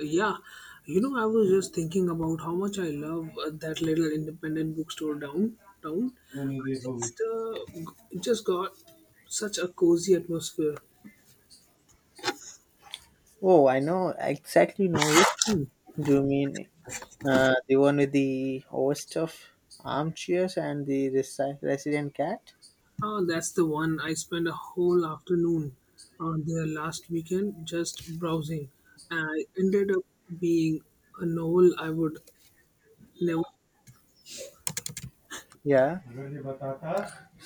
Yeah, you know, I was just thinking about how much I love that little independent bookstore downtown. I just just got such a cozy atmosphere. Oh, I know exactly know which one. Do you mean the one with the overstuffed armchairs and the resident cat? Ah, that's the one I spent a whole afternoon on there last weekend just browsing. And I ended up being a novel I would never. Yeah.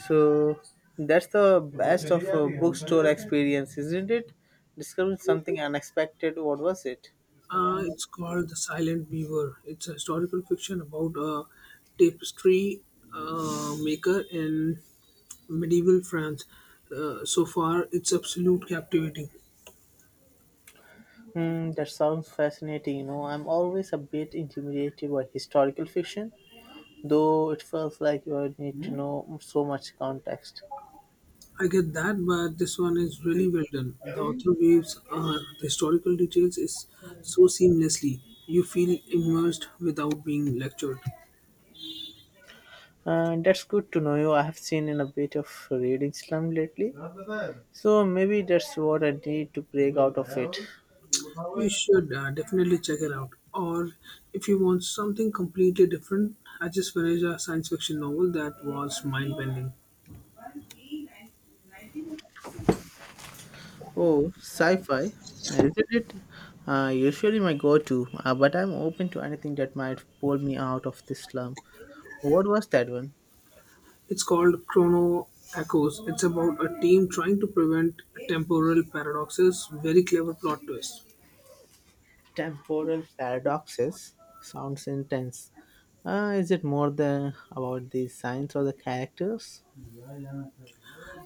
So that's the best of a bookstore experience, isn't it? Discovering something unexpected. What was it? Ah, it's called The Silent Weaver. It's a historical fiction about a tapestry maker in medieval France. So far, it's absolute captivating. Hmm, that sounds fascinating. You know, I'm always a bit intimidated by historical fiction, though it feels like you need to know so much context. I get that, but this one is really well done. The author weaves the historical details is so seamlessly. You feel immersed without being lectured. That's good to know you. I have seen in a bit of reading slump lately, so maybe that's what I need to break out of it. You should definitely check it out. Or if you want something completely different, I just finished a science fiction novel that was mind bending. Oh, sci-fi, isn't it? Usually my go-to, but I'm open to anything that might pull me out of this slump. What was that one? It's called Chrono Echoes. It's about a team trying to prevent temporal paradoxes. Very clever plot twist. Temporal paradoxes. Sounds intense. Is it more the about the science or the characters?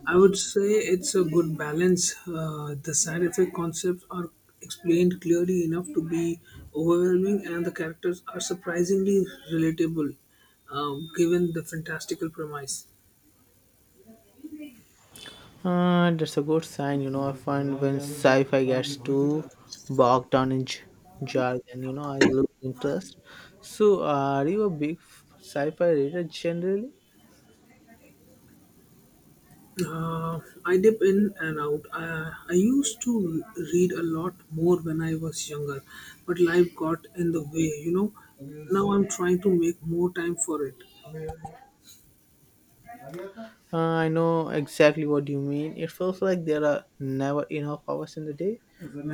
I would say it's a good balance. The side effect concepts are explained clearly enough to be overwhelming, and the characters are surprisingly relatable given the fantastical premise. That's a good sign, you know. I find when sci fi gets too bogged down in jargon, you know, I lose interest. So, are you a big sci fi reader generally? Uh, I dip in and out. I used to read a lot more when I was younger, but life got in the way, you know. Now I'm trying to make more time for it. I know exactly what you mean. It feels like there are never enough hours in the day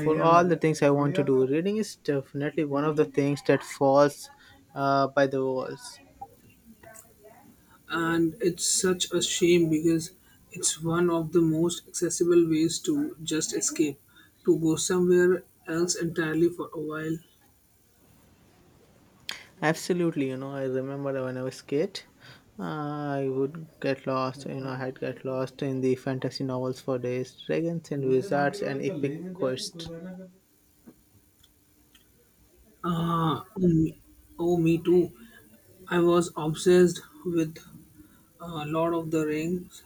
for all the things I want to do. Reading is definitely one of the things that falls by the walls. And it's such a shame because it's one of the most accessible ways to just escape, to go somewhere else entirely for a while. Absolutely, you know, I remember when I was kid, I would get lost, you know, I had get lost in the fantasy novels for days, dragons and wizards and epic quests. uh, mm, oh, me too. I was obsessed with Lord of the Rings.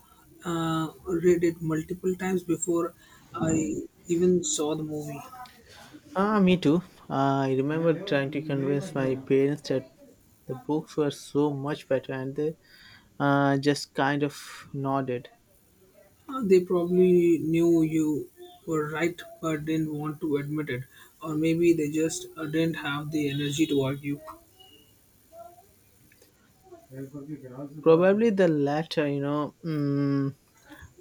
Read it multiple times before I even saw the movie. Ah, me too. I remember trying to convince my parents that the books were so much better, and they just kind of nodded. They probably knew you were right but didn't want to admit it, or maybe they just didn't have the energy to argue. Probably the latter, you know,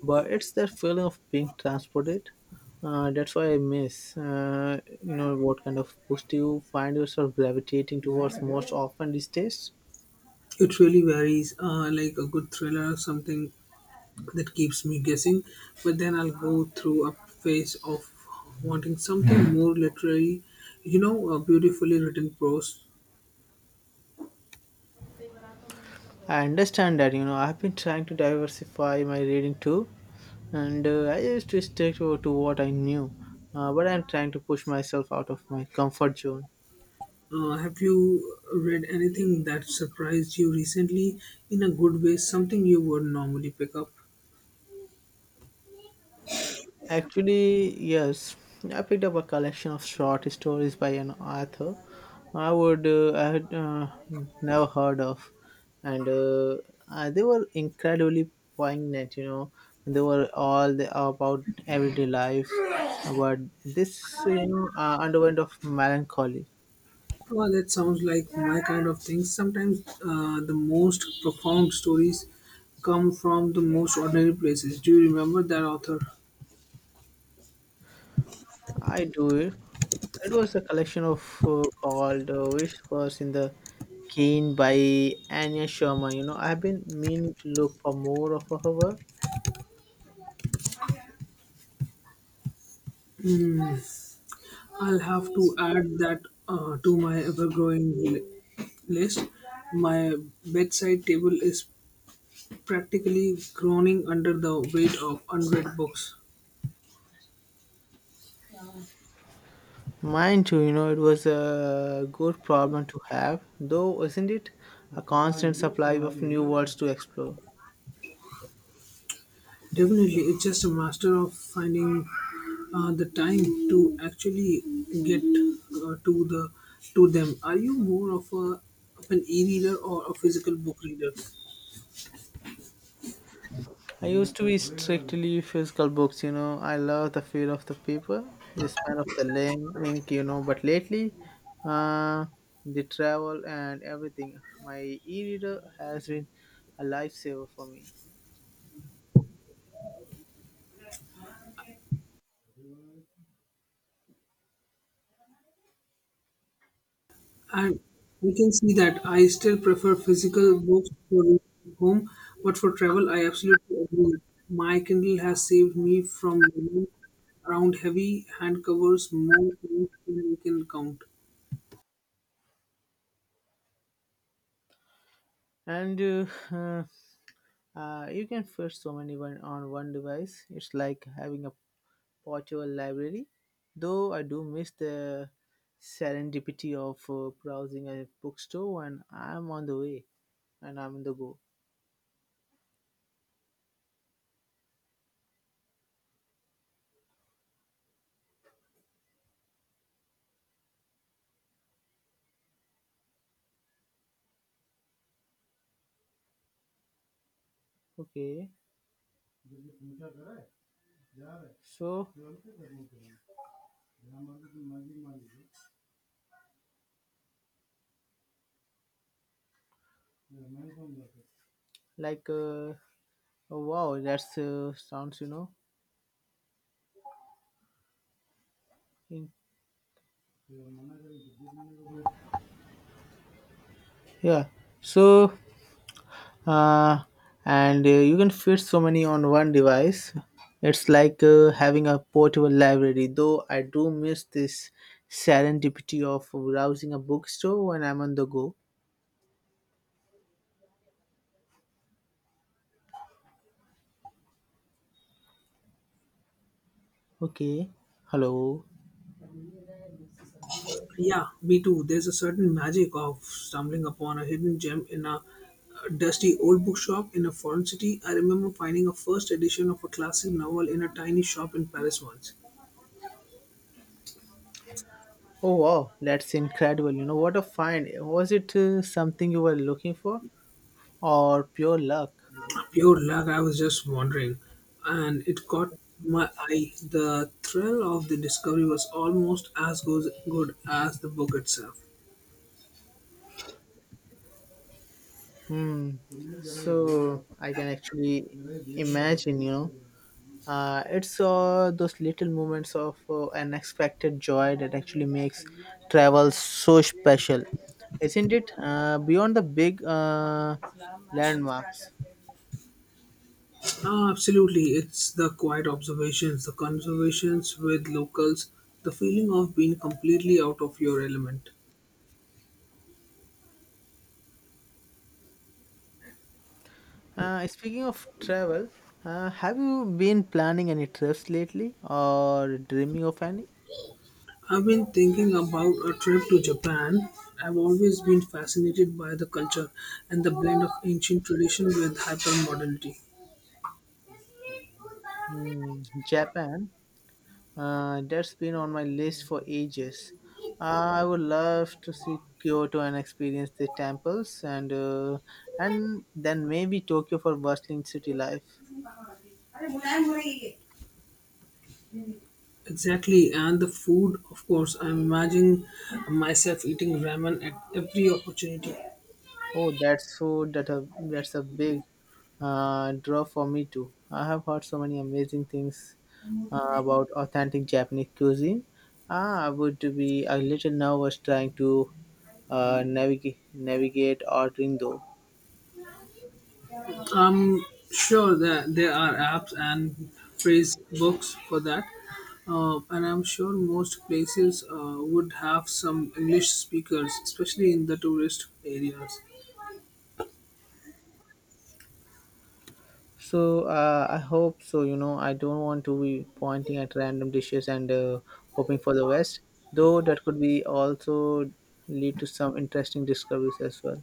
but it's that feeling of being transported, that's why I miss. What kind of books do you find yourself gravitating towards most often these days? It really varies, like a good thriller or something that keeps me guessing. But then I'll go through a phase of wanting something more literary, you know, beautifully written prose. I understand that, you know, I've been trying to diversify my reading too, and I used to stick to what I knew, but I'm trying to push myself out of my comfort zone. Have you read anything that surprised you recently in a good way? Something you would normally pick up? Actually, yes, I picked up a collection of short stories by an author I would I had never heard of, and they were incredibly poignant. You know, they were all the, about everyday life, but this underwent of melancholy. Well, that sounds like my kind of thing. Sometimes the most profound stories come from the most ordinary places. Do you remember that author? I do it. It was a collection of called Wish First in the Keen by Anya Sharma. You know, I've been meaning to look for more of her work. Hmm, I'll have to add that to my list. My bedside table is practically groaning under the weight of unread books. Mine too. You know, it was a good problem to have, though, isn't it? A constant supply of new worlds to explore. Definitely, it's just a master of finding the time to actually get to the to them. Are you more of a of an e-reader or a physical book reader? I used to be strictly physical books, you know. I love the feel of the paper, the smell of the ink, you know. But lately, uh, the travel and everything, my e-reader has been a lifesaver for me. And we can see that I still prefer physical books for reading at home, but for travel, I absolutely agree. My Kindle has saved me from running around heavy hand covers more times than we can count. And uh, you can fit so many one on one device. It's like having a portable library. Though I do miss the serendipity of browsing a bookstore when I'm on the way and I'm on the go. Okay. So, like, oh, wow, that's sounds, you know, in, yeah. So, uh, and you can fit so many on one device. It's like having a portable library. Though I do miss this serendipity of browsing a bookstore when I'm on the go. Okay, hello. Yeah, me too. There's a certain magic of stumbling upon a hidden gem in a dusty old bookshop in a foreign city. I remember finding a first edition of a classic novel in a tiny shop in Paris once. Oh wow, that's incredible. You know what a find. Was it something you were looking for, or pure luck? Pure luck, I was just wondering. And it caught my eye. The thrill of the discovery was almost as good as the book itself. Hmm. So I can actually imagine, you know, it's all those little moments of unexpected joy that actually makes travel so special, isn't it? Beyond the big landmarks. Ah, absolutely, it's the quiet observations, the conversations with locals, the feeling of being completely out of your element. Speaking of travel, have you been planning any trips lately or dreaming of any? I've been thinking about a trip to Japan. I've always been fascinated by the culture and the blend of ancient tradition with hypermodernity. Hmm, Japan. That's been on my list for ages. I would love to see Kyoto and experience the temples, and then maybe Tokyo for bustling city life. Exactly, and the food, of course. I'm imagining myself eating ramen at every opportunity. Oh, that's food that a that's a big draw for me too. I have heard so many amazing things about authentic Japanese cuisine. Ah, I would be a little nervous trying to navigate ordering though. I'm sure that there are apps and phrase books for that, and I'm sure most places would have some English speakers, especially in the tourist areas. So I hope so. You know, I don't want to be pointing at random dishes and hoping for the best, though that could be also lead to some interesting discoveries as well.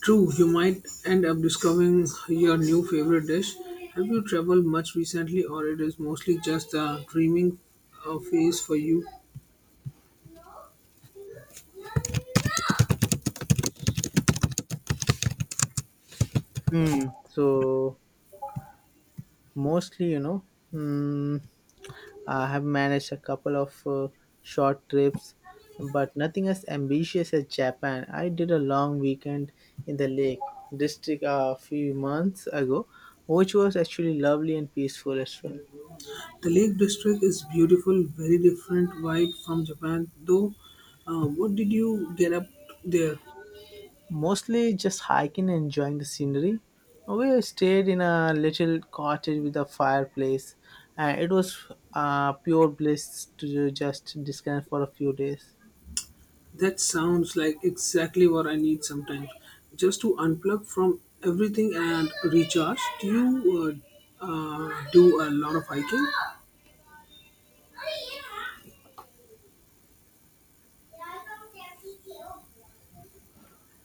True, you might end up discovering your new favorite dish. Have you traveled much recently, or it is mostly just a dreaming phase for you? Mm. So mostly, you know, mm, I have managed a couple of short trips, but nothing as ambitious as Japan. I did a long weekend in the Lake District a few months ago, which was actually lovely and peaceful as well. The Lake District is beautiful, very different vibe from Japan. Though, what did you get up there? Mostly just hiking and enjoying the scenery. We stayed in a little cottage with a fireplace, and it was pure bliss to just disconnect for a few days. That sounds like exactly what I need sometimes, just to unplug from everything and recharge. Do you do a lot of hiking?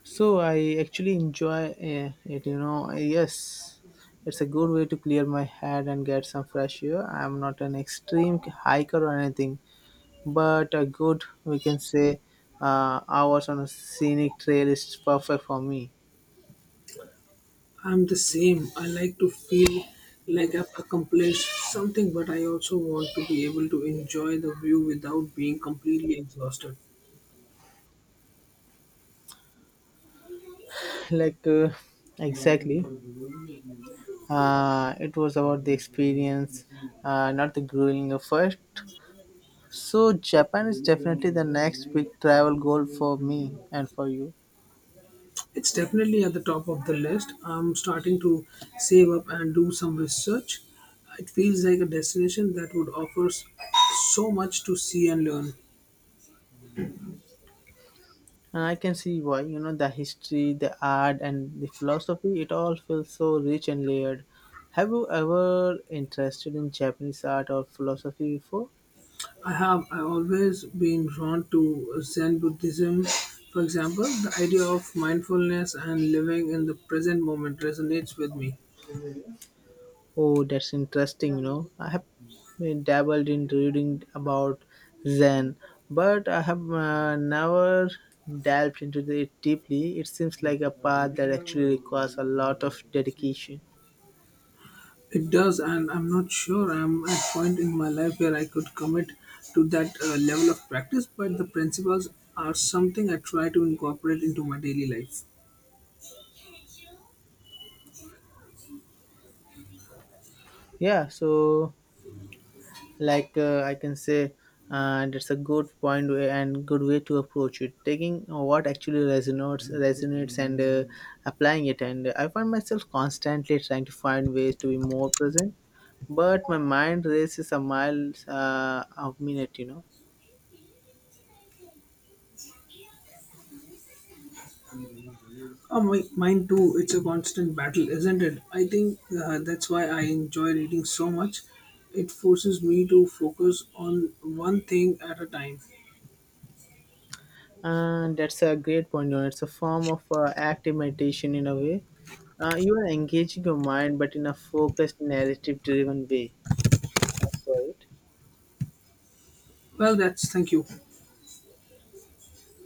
So I actually enjoy it, you know. Yes, it's a good way to clear my head and get some fresh air. I'm not an extreme hiker or anything, but a good, we can say, hours on a scenic trail is perfect for me. I'm the same. I like to feel like I've accomplished something, but I also want to be able to enjoy the view without being completely exhausted. Like, exactly. It was about the experience, not the grueling effort. So Japan is definitely the next big travel goal for me and for you. It's definitely at the top of the list. I'm starting to save up and do some research. It feels like a destination that would offer so much to see and learn. And I can see why, you know, the history, the art, and the philosophy, it all feels so rich and layered. Have you ever interested in Japanese art or philosophy before? I have I always been drawn to Zen Buddhism, for example. The idea of mindfulness and living in the present moment resonates with me. Oh, that's interesting, you know. I have dabbled in reading about Zen, but I have never delved into it deeply. It seems like a path that actually requires a lot of dedication. It does, and I'm not sure I'm at a point in my life where I could commit to that level of practice, but the principles are something I try to incorporate into my daily life. Yeah, so like I can say, and it's a good point way and good way to approach it, taking what actually resonates and applying it. And I find myself constantly trying to find ways to be more present, but my mind races a mile a minute, you know. Oh, my, mine too, it's a constant battle, isn't it? I think that's why I enjoy reading so much. It forces me to focus on one thing at a time. And that's a great point, you know, it's a form of active meditation in a way. You are engaging your mind but in a focused narrative driven way. Thanks for it. Well, that's thank you.